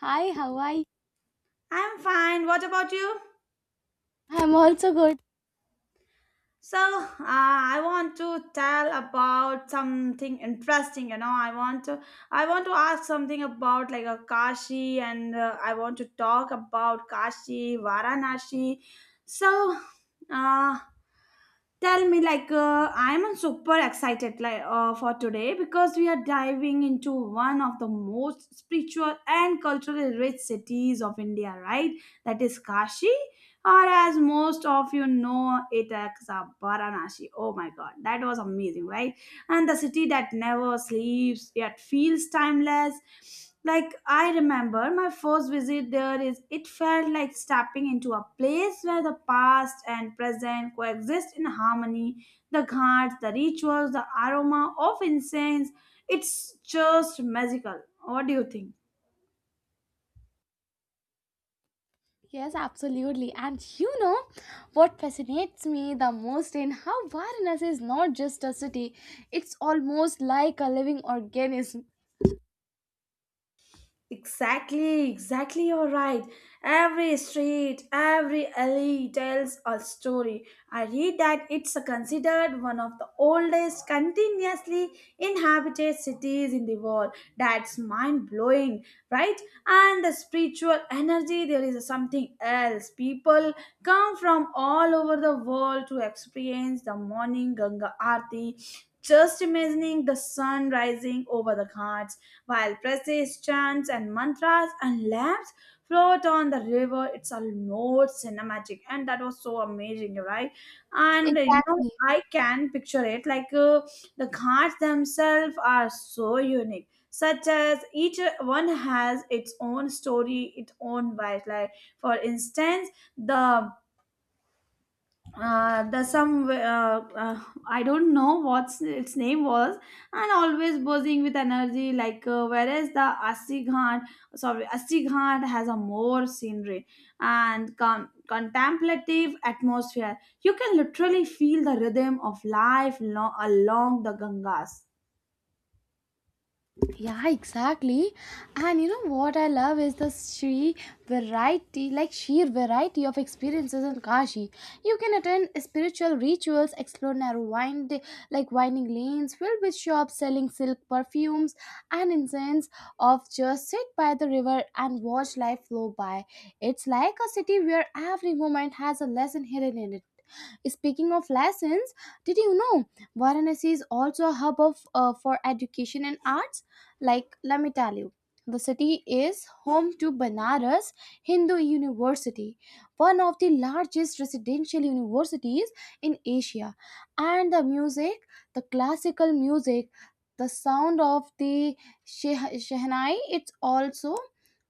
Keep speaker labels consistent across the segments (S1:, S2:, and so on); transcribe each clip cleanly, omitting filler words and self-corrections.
S1: Hi, how are you?
S2: I'm fine. What about you?
S1: I'm also good.
S2: So I want to tell about something interesting. You know, I want to ask something about like a Kashi, and I want to talk about Kashi, Varanasi. So, uh, Tell me like I'm super excited like for today because we are diving into one of the most spiritual and culturally rich cities of India, right? That is Kashi, or as most of you know it, as a Varanasi. Oh my god, that was amazing, right? And the city that never sleeps yet feels timeless. Like, I remember my first visit there is it felt like stepping into a place where the past and present coexist in harmony. The ghats, the rituals, the aroma of incense, it's just magical. What do you think?
S1: Yes, absolutely. And you know what fascinates me the most in how Varanasi is not just a city, it's almost like a living organism.
S2: Exactly, exactly, you're right. Every street, every alley tells a story. I read that it's considered one of the oldest continuously inhabited cities in the world. That's mind blowing, right? And the spiritual energy, there is something else. People come from all over the world to experience the morning Ganga Aarti. Just imagining the sun rising over the ghats while praises, chants, and mantras and lamps float on the river. It's almost cinematic, and that was so amazing, right? And you know,
S1: Exactly.
S2: I can picture it like the ghats themselves are so unique. Such as each one has its own story, its own vibe. Like for instance, the the some I don't know what's its name was, and always buzzing with energy. Like whereas the Assi Ghat, sorry, Assi Ghat has a more scenery and contemplative atmosphere. You can literally feel the rhythm of life along the Gangas.
S1: Yeah, exactly. And you know what I love is the she variety, like sheer variety of experiences in Kashi. You can attend spiritual rituals, explore like winding lanes filled with shops selling silk perfumes and incense, of just sit by the river and watch life flow by. It's like a city where every moment has a lesson hidden in it. Speaking of lessons, did you know Varanasi is also a hub of for education and arts? Like, let me tell you, the city is home to Banaras Hindu University, one of the largest residential universities in Asia. And the music, the classical music, the sound of the Shehnai, it's also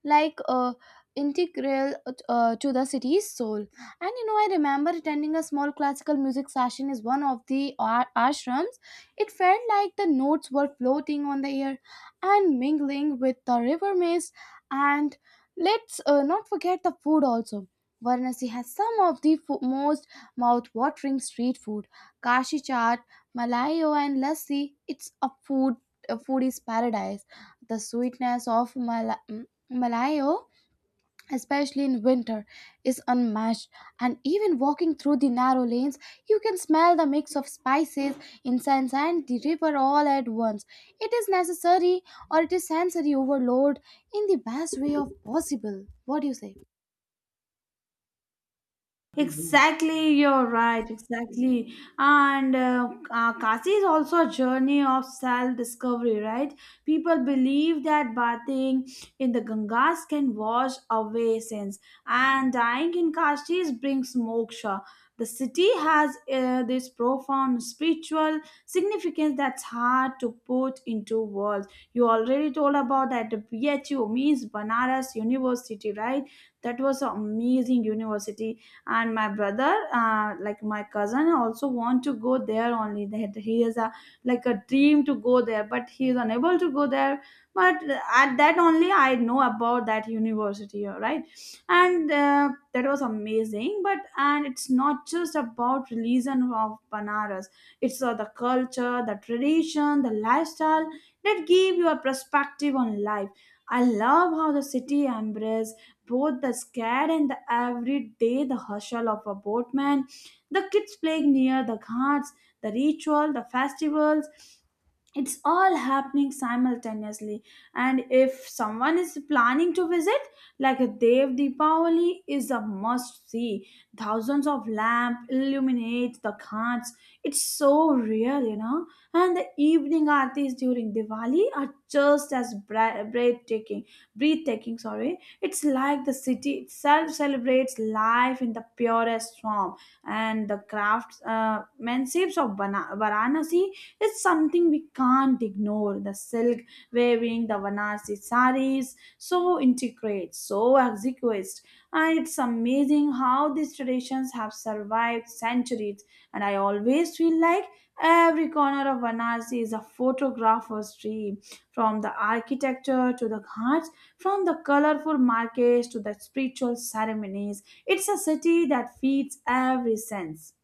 S1: like uh, integral to the city's soul. And you know, I remember attending a small classical music session is one of the ashrams. It felt like the notes were floating on the air, and mingling with the river mist. And let's not forget the food also. Varanasi has some of the most mouth-watering street food. Kashi chaat, malayo, and lassi. It's a foodie's paradise. The sweetness of malayo, especially in winter, is unmatched. And even walking through the narrow lanes, you can smell the mix of spices, incense, and the river all at once. It is necessary or it is sensory overload in the best way of possible. What do you say?
S2: Exactly, you're right. Exactly, and Kasi is also a journey of self-discovery, right? People believe that bathing in the Gangas can wash away sins, and dying in Kashi brings moksha. The city has this profound spiritual significance that's hard to put into words. You already told about that BHU means Banaras University, right? That was an amazing university, and my brother, my cousin, also want to go there only, that he is a like a dream to go there, but he is unable to go there. But at that only, I know about that university, all right. And that was amazing, but and it's not just about religion of Banaras. It's the culture, the tradition, the lifestyle that give you a perspective on life. I love how the city embraces both the scared and the everyday, the hustle of a boatman, the kids playing near the ghats, the ritual, the festivals, it's all happening simultaneously. And if someone is planning to visit, like, Dev Deepavali is a must see. Thousands of lamp illuminate the ghats. It's so real, you know. And the evening aartis during Diwali are just as breathtaking, breathtaking, sorry. It's like the city itself celebrates life in the purest form. And the crafts manships of Varanasi, it's something we can't ignore. The silk weaving, the Vanasi saris, so intricate, so exquisite. And it's amazing how these traditions have survived centuries. And I always feel like every corner of Varanasi is a photographer's dream, from the architecture to the ghats, from the colorful markets to the spiritual ceremonies. It's a city that feeds every sense.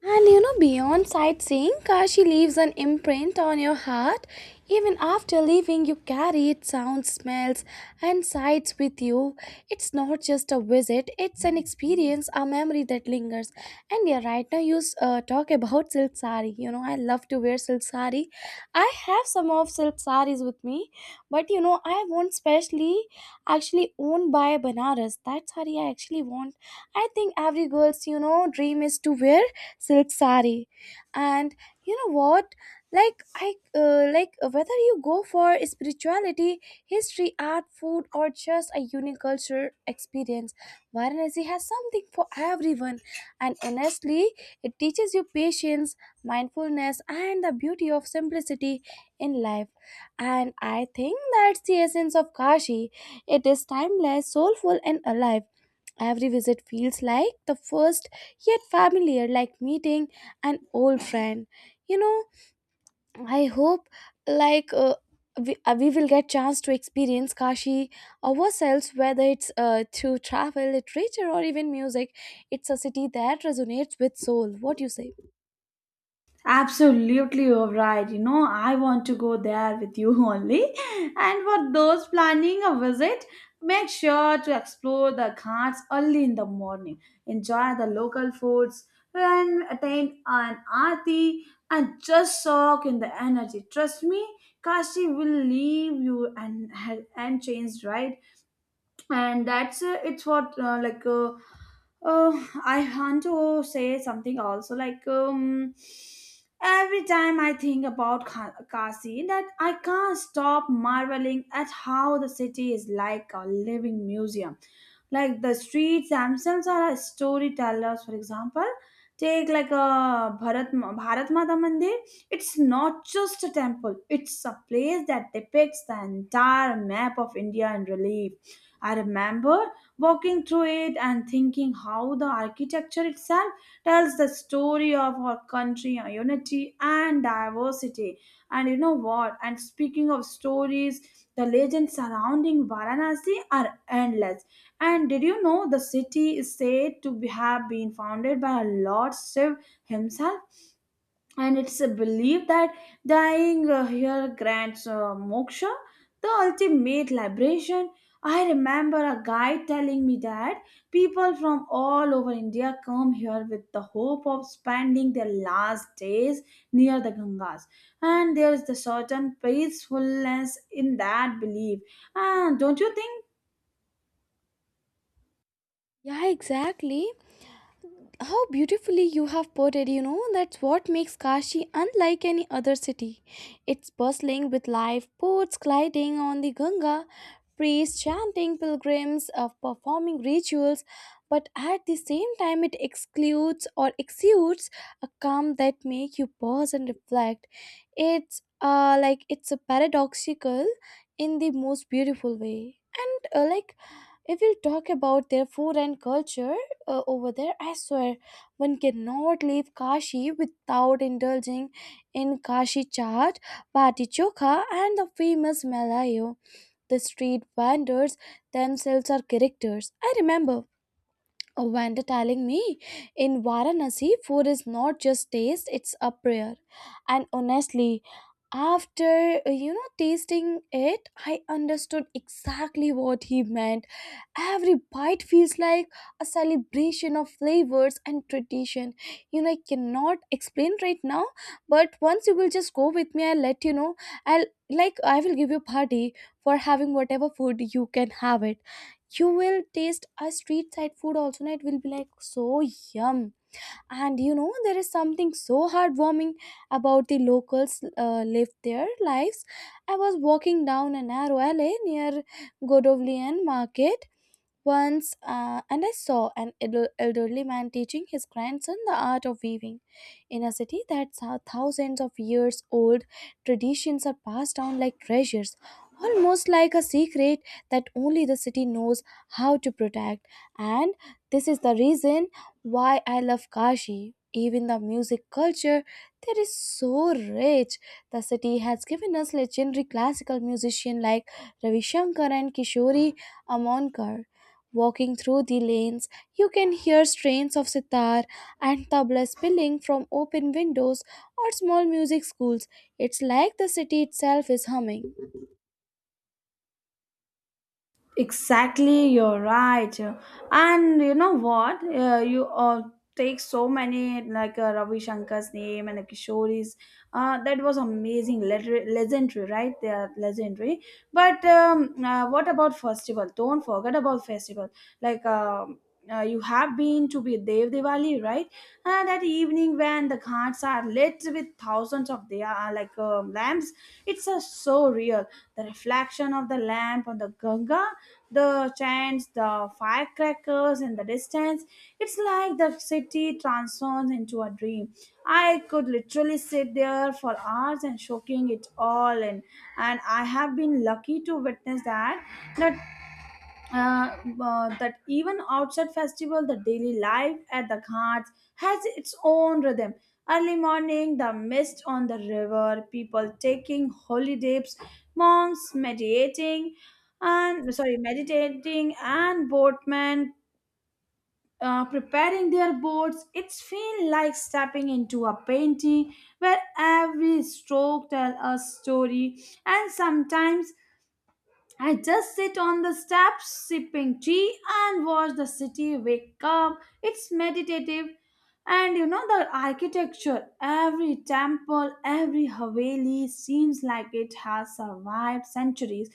S1: And you know, beyond sightseeing, Kashi leaves an imprint on your heart. Even after leaving, you carry its sounds, smells, and sights with you. It's not just a visit, it's an experience, a memory that lingers. And yeah, right now you talk about silk sari. You know, I love to wear silk sari. I have some of silk saris with me, but you know, I want specially actually owned by Banaras. That sari I actually want. I think every girl's, you know, dream is to wear silk sari, and you know what, like I like whether you go for spirituality, history, art, food, or just a unique culture experience, Varanasi has something for everyone. And honestly, it teaches you patience, mindfulness, and the beauty of simplicity in life. And I think that's the essence of Kashi. It is timeless, soulful, and alive. Every visit feels like the first, yet familiar, like meeting an old friend. You know, I hope like uh, we will get chance to experience Kashi ourselves, whether it's through travel, literature, or even music. It's a city that resonates with soul. What do you say?
S2: Absolutely, you're right. You know, I want to go there with you only. And for those planning a visit, make sure to explore the ghats early in the morning, enjoy the local foods, and attend an aarti, and just soak in the energy. Trust me, Kashi will leave you and changed, right? And that's it's what like uh, I want to say something also, like, every time I think about Kasi, that I can't stop marveling at how the city is like a living museum. Like, the streets themselves are storytellers. For example, take like a bharat Bharat Mata Mandir. It's not just a temple, it's a place that depicts the entire map of India in relief. I remember walking through it and thinking how the architecture itself tells the story of our country, our unity and diversity. And you know what? And speaking of stories, the legends surrounding Varanasi are endless. And did you know the city is said to have been founded by Lord Shiv himself? And it's a belief that dying here grants moksha, the ultimate liberation. I remember a guide telling me that people from all over India come here with the hope of spending their last days near the Gangas, and there is a certain peacefulness in that belief. And don't you think?
S1: Yeah, exactly. How beautifully you have put it, you know, that's what makes Kashi unlike any other city. It's bustling with life, boats gliding on the Ganga, priests chanting, pilgrims performing rituals, but at the same time it excludes or exudes a calm that make you pause and reflect. It's a paradoxical in the most beautiful way. And like if we talk about their food and culture over there, I swear one cannot leave Kashi without indulging in Kashi chaat, bati chokha, and the famous malayo. The street vendors themselves are characters. I remember a vendor telling me in Varanasi, food is not just taste; it's a prayer. And honestly, after you know, tasting it, I understood exactly what he meant. Every bite feels like a celebration of flavors and tradition. You know, I cannot explain right now, but once you will just go with me, I'll let you know. I'll like, I will give you party for having whatever food you can have it. You will taste a street side food also, and it will be like so yum. And you know, there is something so heartwarming about the locals live their lives. I was walking down a narrow alley near Godovlian market once, and I saw an elderly man teaching his grandson the art of weaving in a city that's how thousands of years old. Traditions are passed down like treasures, almost like a secret that only the city knows how to protect. And this is the reason why I love Kashi. Even the music culture there is so rich. The city has given us legendary classical musicians like Ravi Shankar and Kishori Amonkar. Walking through the lanes, you can hear strains of sitar and tabla spilling from open windows or small music schools. It's like the city itself is humming.
S2: Exactly, you're right. And you know what? You take so many like Ravi Shankar's name and the Kishori's. That was amazing, legendary, right? They are legendary. But what about festival? Don't forget about festival. Like you have been to be Dev Diwali, right? That evening when the ghats are lit with thousands of they are like lamps, it's so real. The reflection of the lamp on the Ganga, the chants, the firecrackers in the distance. It's like the city transforms into a dream. I could literally sit there for hours and soaking it all in. And I have been lucky to witness that, not that even outside festival, the daily life at the ghats has its own rhythm. Early morning, the mist on the river, people taking holy dips, monks meditating, and sorry, meditating and boatmen preparing their boats, it's feel like stepping into a painting where every stroke tells a story. And sometimes I just sit on the steps, sipping tea, and watch the city wake up. It's meditative. And you know, the architecture, every temple, every Haveli seems like it has survived centuries,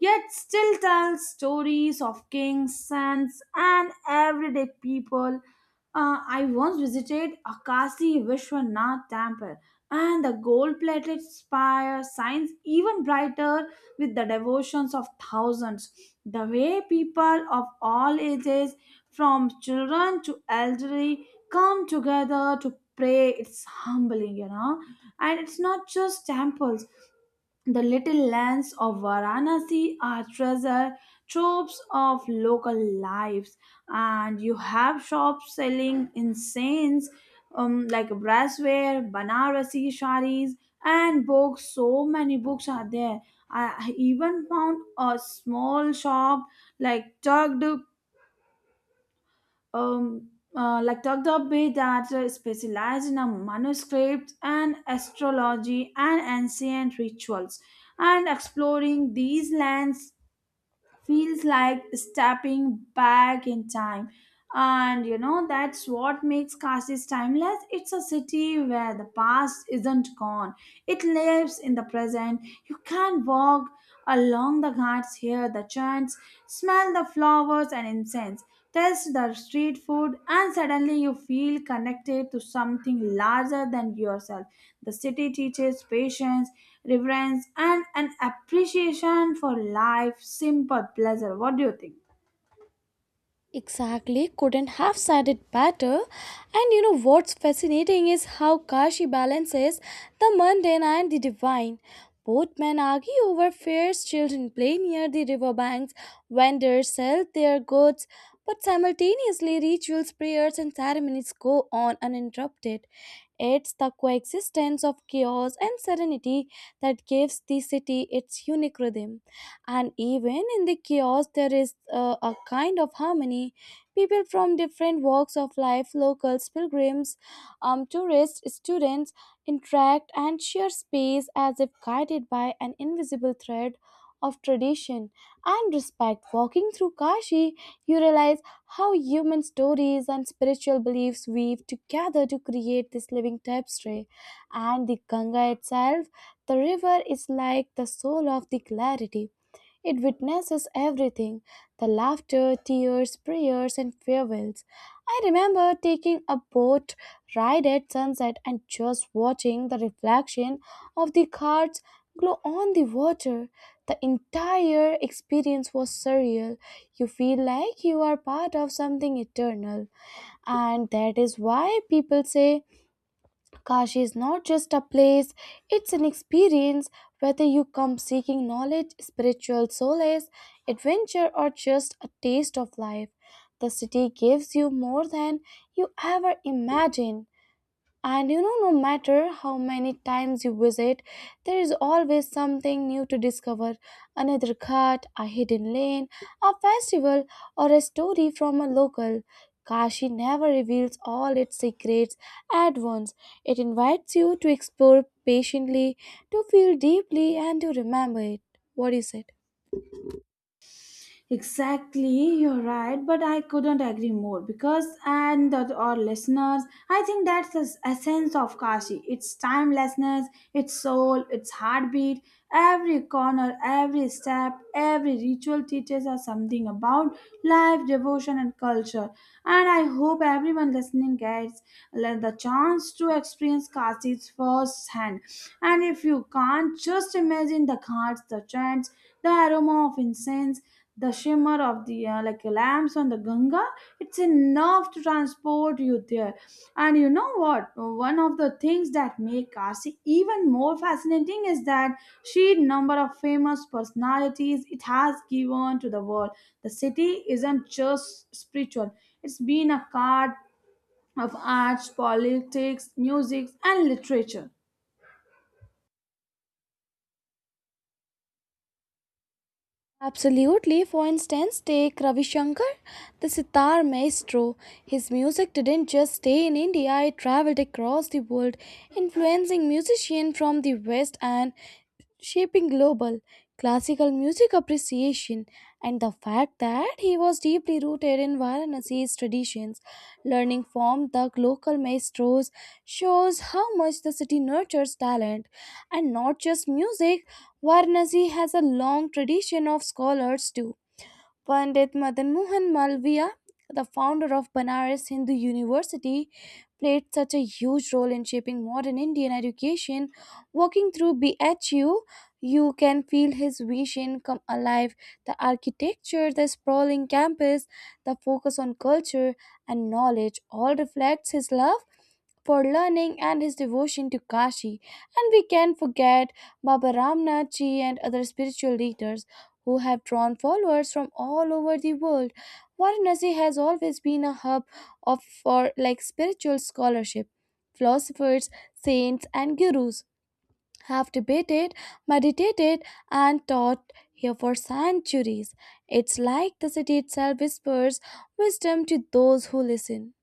S2: yet still tells stories of kings, saints, and everyday people. I once visited Akasi Vishwanath temple, and the gold plated spire shines even brighter with the devotions of thousands. The way people of all ages, from children to elderly, come together to pray, it's humbling, you know. And it's not just temples. The little lands of Varanasi are treasure troves of local lives, and you have shops selling incense, brassware, Banarasi saris, and books. So many books are there. I even found a small shop, like tugged, um, Dagdabbe, that specialize in manuscripts and astrology and ancient rituals. And exploring these lands feels like stepping back in time. And you know, that's what makes Kashi timeless. It's a city where the past isn't gone, it lives in the present. You can walk along the ghats, hear the chants, smell the flowers and incense, test the street food, and suddenly you feel connected to something larger than yourself. The city teaches patience, reverence, and an appreciation for life, simple pleasure. What do you think?
S1: Exactly, couldn't have said it better. And you know what's fascinating is how Kashi balances the mundane and the divine. Both men argue over fairs, children play near the riverbanks, vendors sell their goods, but simultaneously rituals, prayers, and ceremonies go on uninterrupted. It's the coexistence of chaos and serenity that gives the city its unique rhythm. And even in the chaos, there is a kind of harmony. People from different walks of life, locals, pilgrims, tourists, students, interact and share space as if guided by an invisible thread of tradition and respect. Walking through Kashi, you realize how human stories and spiritual beliefs weave together to create this living tapestry. And the Ganga itself, the river is like the soul of the clarity. It witnesses everything, the laughter, tears, prayers, and farewells. I remember taking a boat ride at sunset and just watching the reflection of the cards glow on the water. The entire experience was surreal. You feel like you are part of something eternal, and that is why people say Kashi is not just a place, it's an experience. Whether you come seeking knowledge, spiritual solace, adventure, or just a taste of life, the city gives you more than you ever imagined. And you know, no matter how many times you visit, there is always something new to discover, another cut, a hidden lane, a festival, or a story from a local. Kashi never reveals all its secrets at once. It invites you to explore patiently, to feel deeply, and to remember it. What is it?
S2: Exactly, you're right, but I couldn't agree more because, and the, our listeners, I think that's the essence of Kashi. It's timelessness, its soul, its heartbeat. Every corner, every step, every ritual teaches us something about life, devotion, and culture. And I hope everyone listening gets the chance to experience Kashi's firsthand. And if you can't, just imagine the ghats, the chants, the aroma of incense, the shimmer of the lamps on the Ganga, it's enough to transport you there. And you know what? One of the things that make Kasi even more fascinating is that sheer number of famous personalities it has given to the world. The city isn't just spiritual; it's been a card of arts, politics, music, and literature.
S1: Absolutely. For instance, take Ravi Shankar, the sitar maestro. His music didn't just stay in India, it traveled across the world, influencing musicians from the West and shaping global classical music appreciation education, and the fact that he was deeply rooted in Varanasi's traditions. Learning from the local maestros shows how much the city nurtures talent, and not just music. Varanasi has a long tradition of scholars too. Pandit Madan Mohan Malviya, the founder of Banaras Hindu University, played such a huge role in shaping modern Indian education. Walking through BHU, you can feel his vision come alive. The architecture, the sprawling campus, the focus on culture and knowledge all reflects his love for learning and his devotion to Kashi. And we can forget Baba Ramnath Ji and other spiritual leaders who have drawn followers from all over the world. Varanasi has always been a hub of for like spiritual scholarship. Philosophers, saints, and gurus have debated, meditated, and taught here for centuries. It's like the city itself whispers wisdom to those who listen.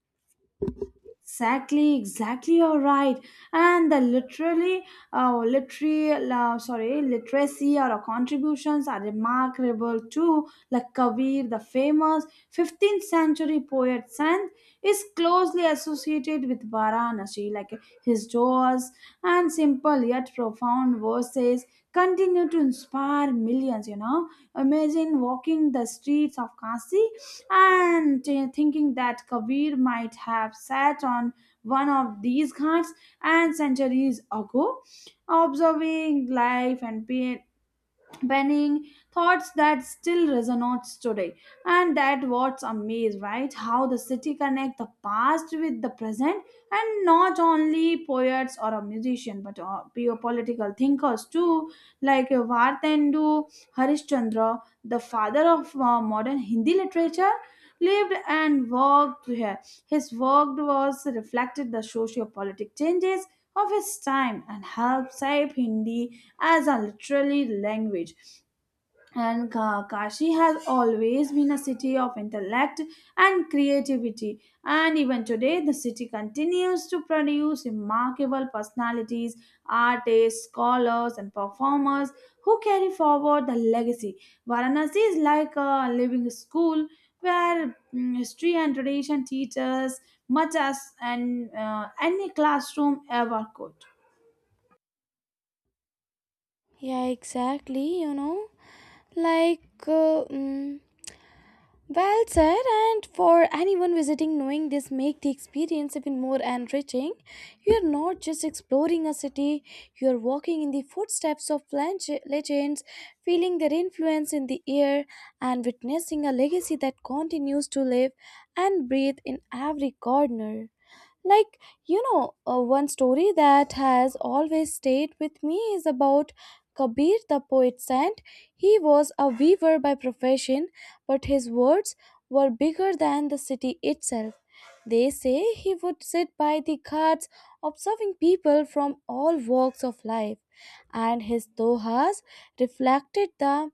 S2: Exactly, exactly. You're right. And the literacy or contributions are remarkable too. Like Kabir, the famous 15th century poet Sant, is closely associated with Varanasi. Like, his doors and simple yet profound verses continue to inspire millions. You know, imagine walking the streets of Kasi and thinking that Kabir might have sat on one of these ghats and centuries ago, observing life and penning thoughts that still resonates today. And that what's amazed, right? How the city connect the past with the present, and not only poets or a musician, but pure political thinkers too, like Vartendu Harishchandra, the father of modern Hindi literature, lived and worked here. His work was reflected the socio-politic changes of his time and helped shape Hindi as a literary language. And Kashi has always been a city of intellect and creativity. And even today, the city continues to produce remarkable personalities, artists, scholars, and performers who carry forward the legacy. Varanasi is like a living school where history and tradition teach us much as an, any classroom ever could.
S1: Yeah, exactly, you know. Like, uh, mm, Well said, and for anyone visiting, knowing this make the experience even more enriching. You are not just exploring a city; you are walking in the footsteps of legends, feeling their influence in the air, and witnessing a legacy that continues to live and breathe in every corner. Like, you know, one story that has always stayed with me is about Kabir the poet saint. He was a weaver by profession, but his words were bigger than the city itself. They say he would sit by the ghats observing people from all walks of life, and his dohas reflected the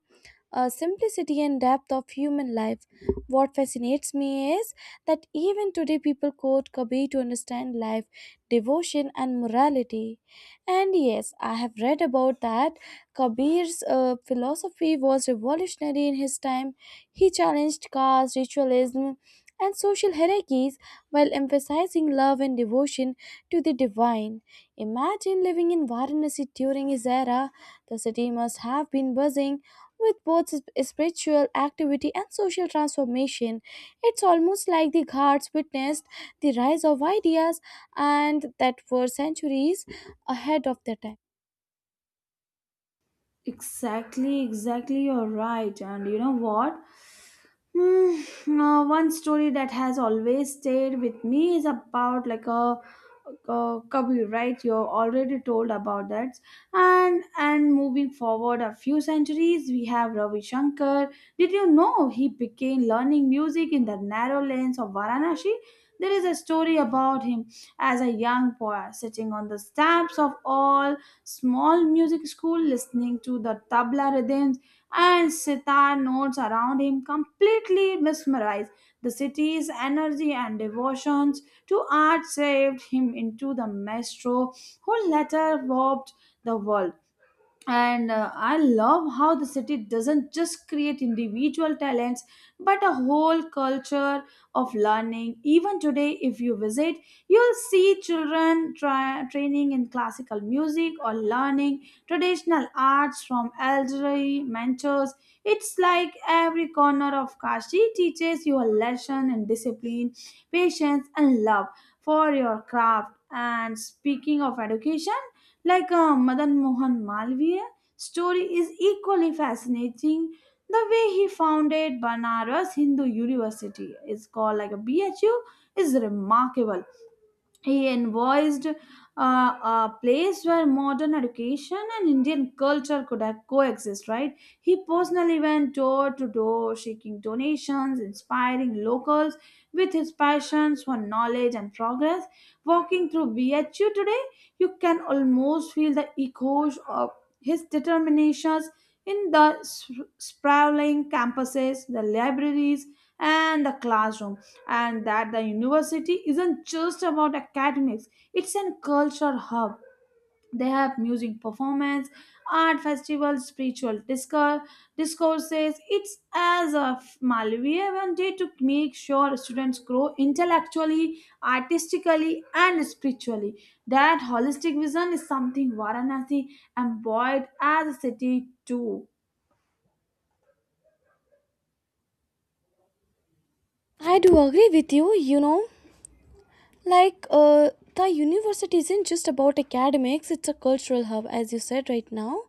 S1: simplicity and depth of human life. What fascinates me is that even today people quote Kabir to understand life, devotion, and morality. And yes, I have read about that. Kabir's philosophy was revolutionary in his time. He challenged caste, ritualism, and social hierarchies while emphasizing love and devotion to the divine. Imagine living in Varanasi during his era. The city must have been buzzing with both spiritual activity and social transformation. It's almost like the Ghats witnessed the rise of ideas and that were centuries ahead of their time.
S2: Exactly, exactly, you're right. And you know what? One story that has always stayed with me is about a cubby, right? You already told about that, and moving forward a few centuries, we have Ravi Shankar. Did you know he began learning music in the narrow lanes of Varanasi? There is a story about him as a young boy sitting on the steps of all small music school, listening to the tabla rhythms and sitar notes around him, completely mesmerized. The city's energy and devotions to art saved him into the maestro who later warped the world. And I love how the city doesn't just create individual talents but a whole culture of learning. Even today if you visit, you'll see children try training in classical music or learning traditional arts from elderly mentors. It's like every corner of Kashi teaches you a lesson in discipline, patience, and love for your craft. And speaking of education, Madan Mohan Malviya story is equally fascinating. The way he founded Banaras Hindu University, is called like a BHU, is remarkable. He envisaged a place where modern education and Indian culture could have coexist, right? He personally went door to door, seeking donations, inspiring locals with his passions for knowledge and progress. Walking through BHU today, you can almost feel the echoes of his determinations in the sprawling campuses, the libraries, and the classroom. And that the university isn't just about academics, it's a culture hub. They have music performance, art festivals, spiritual discourse discourses. It's as a Malviya day to make sure students grow intellectually, artistically, and spiritually. That holistic vision is something Varanasi embodied as a city too.
S1: I do agree with you, you know, like uh, the university isn't just about academics, it's a cultural hub, as you said right now.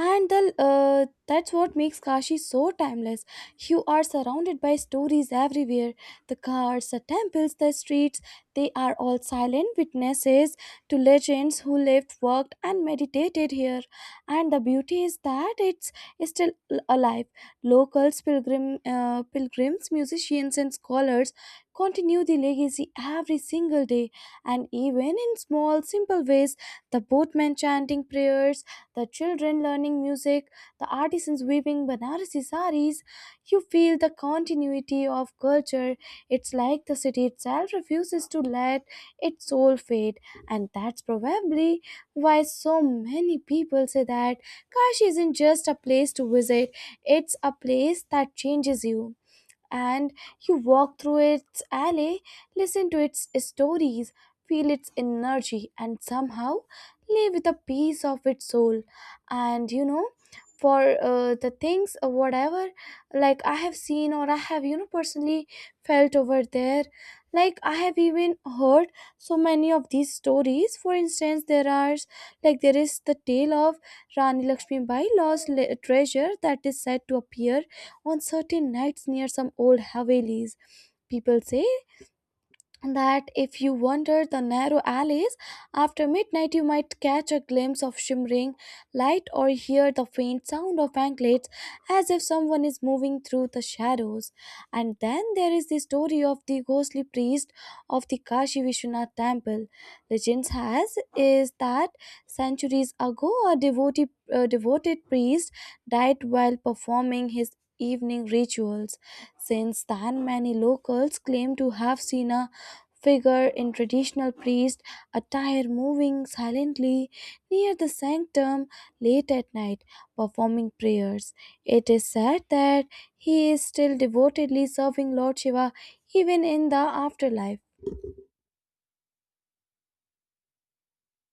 S1: And that's what makes Kashi so timeless. You are surrounded by stories everywhere, the cars, the temples, the streets, they are all silent witnesses to legends who lived, worked, and meditated here. And the beauty is that it's still alive. Locals, pilgrims, musicians, and scholars continue the legacy every single day. And even in small simple ways, the boatmen chanting prayers, the children learning music, the artisans weaving Banarasi saris. You feel the continuity of culture. It's like the city itself refuses to let its soul fade, and that's probably why so many people say that Kashi isn't just a place to visit, it's a place that changes you, and you walk through its alley, listen to its stories, feel its energy, and somehow live with a piece of its soul. And you know, for the things, whatever, like I have seen or I have, you know, personally felt over there, like I have even heard so many of these stories. For instance, there are like there is the tale of Rani Lakshmi Bai lost treasure that is said to appear on certain nights near some old Havelis. People say that if you wander the narrow alleys after midnight, you might catch a glimpse of shimmering light or hear the faint sound of anklets as if someone is moving through the shadows. And then there is the story of the ghostly priest of the Kashi Vishwanath temple. Legends has is that centuries ago, a devoted priest died while performing his evening rituals. Since then, many locals claim to have seen a figure in traditional priest attire moving silently near the sanctum late at night, performing prayers. It is said that he is still devotedly serving Lord Shiva even in the afterlife.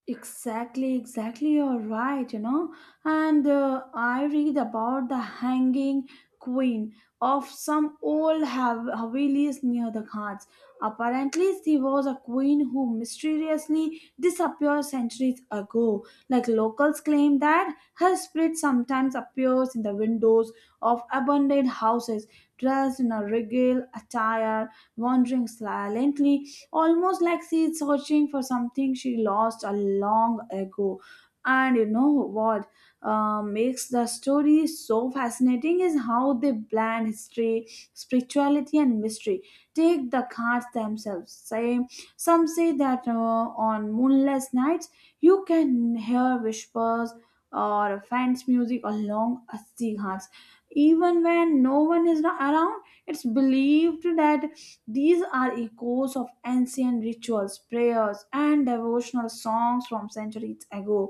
S2: Exactly, exactly. You're right, you know. And I read about the hanging queen of some old Havelis near the Ghats. Apparently, she was a queen who mysteriously disappeared centuries ago. Like locals claim that her spirit sometimes appears in the windows of abandoned houses, dressed in a regal attire, wandering silently, almost like she's searching for something she lost a long ago. And you know what makes the story so fascinating is how they blend history, spirituality, and mystery. Take the cards themselves. Say, some say that on moonless nights you can hear whispers or faint music along a sea hearts, even when no one is around. It's believed that these are echoes of ancient rituals, prayers, and devotional songs from centuries ago,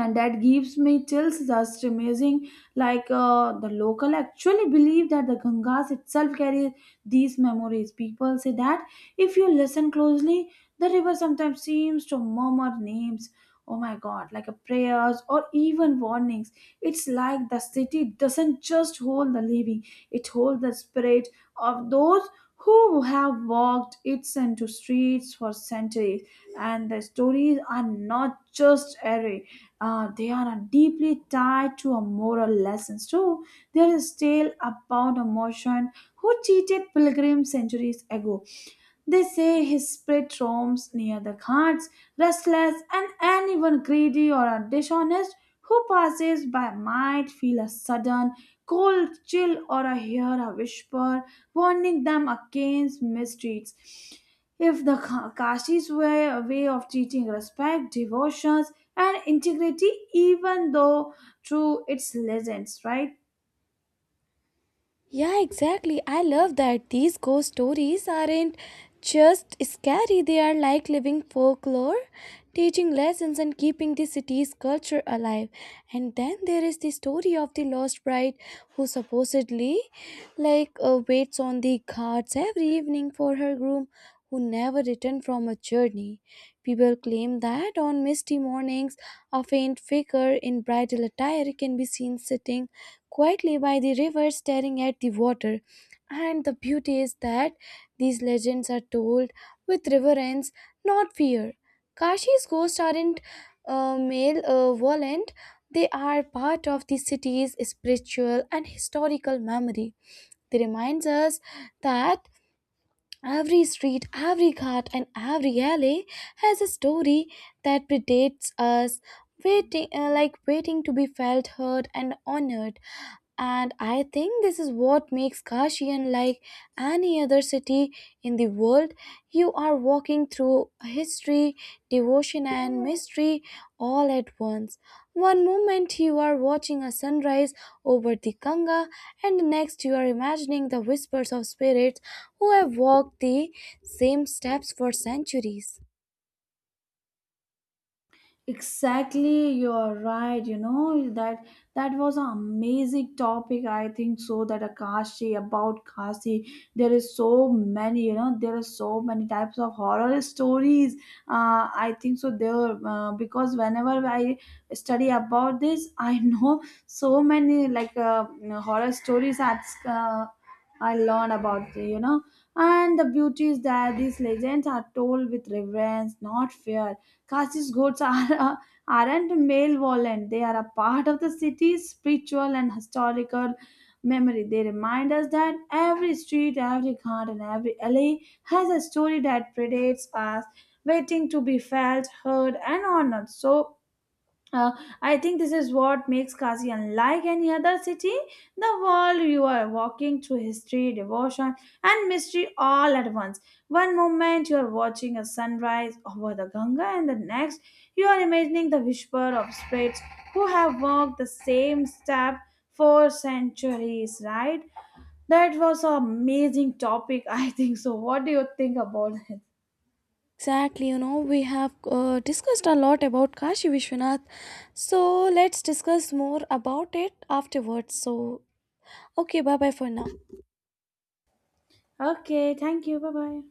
S2: and that gives me chills. Just amazing. The local actually believe that the gangas itself carries these memories. People say that if you listen closely, the river sometimes seems to murmur names, oh my god, like a prayers or even warnings. It's like the city doesn't just hold the living, it holds the spirit of those who have walked its into streets for centuries. And the stories are not just airy, they are deeply tied to a moral lessons too. There is a tale about a merchant who cheated pilgrims centuries ago. They say his spirit roams near the cards, restless, and anyone greedy or dishonest who passes by might feel a sudden cold chill or a hear a whisper warning them against mistreats. If the Kashi's way, a way of teaching respect, devotions, and integrity, even though through its legends, right?
S1: Yeah, exactly. I love that these ghost stories aren't just scary, they are like living folklore, teaching lessons and keeping the city's culture alive. And then there is the story of the lost bride who supposedly waits on the ghats every evening for her groom who never returned from a journey. People claim that on misty mornings, a faint figure in bridal attire can be seen sitting quietly by the river staring at the water. And the beauty is that these legends are told with reverence, not fear. Kashi's ghosts aren't male they are part of the city's spiritual and historical memory. They remind us that every street, every cart, and every alley has a story that predates us, waiting to be felt, heard, and honored. And I think this is what makes Kashi unlike any other city in the world. You are walking through history, devotion, and mystery all at once. One moment you are watching a sunrise over the Ganga, and the next you are imagining the whispers of spirits who have walked the same steps for centuries.
S2: Exactly, you're right, you know. That was an amazing topic, I think so. That a Kashi, about Kashi, there is so many, you know, there are so many types of horror stories. I think so there because whenever I study about this I know so many horror stories that I learned about, you know. And the beauty is that these legends are told with reverence, not fear. Kashis goats are, aren't malevolent, they are a part of the city's spiritual and historical memory. They remind us that every street, every ghat, and every alley has a story that predates us, waiting to be felt, heard, and honored. So, uh, I think this is what makes Kashi unlike any other city. The world you are walking through history, devotion, and mystery all at once. One moment you are watching a sunrise over the Ganga, and the next you are imagining the whisper of spirits who have walked the same step for centuries, right? That was an amazing topic, I think so. What do you think about it?
S1: Exactly, you know, we have discussed a lot about Kashi Vishwanath. So let's discuss more about it afterwards. So, okay, bye bye for now.
S2: Okay, thank you. Bye bye.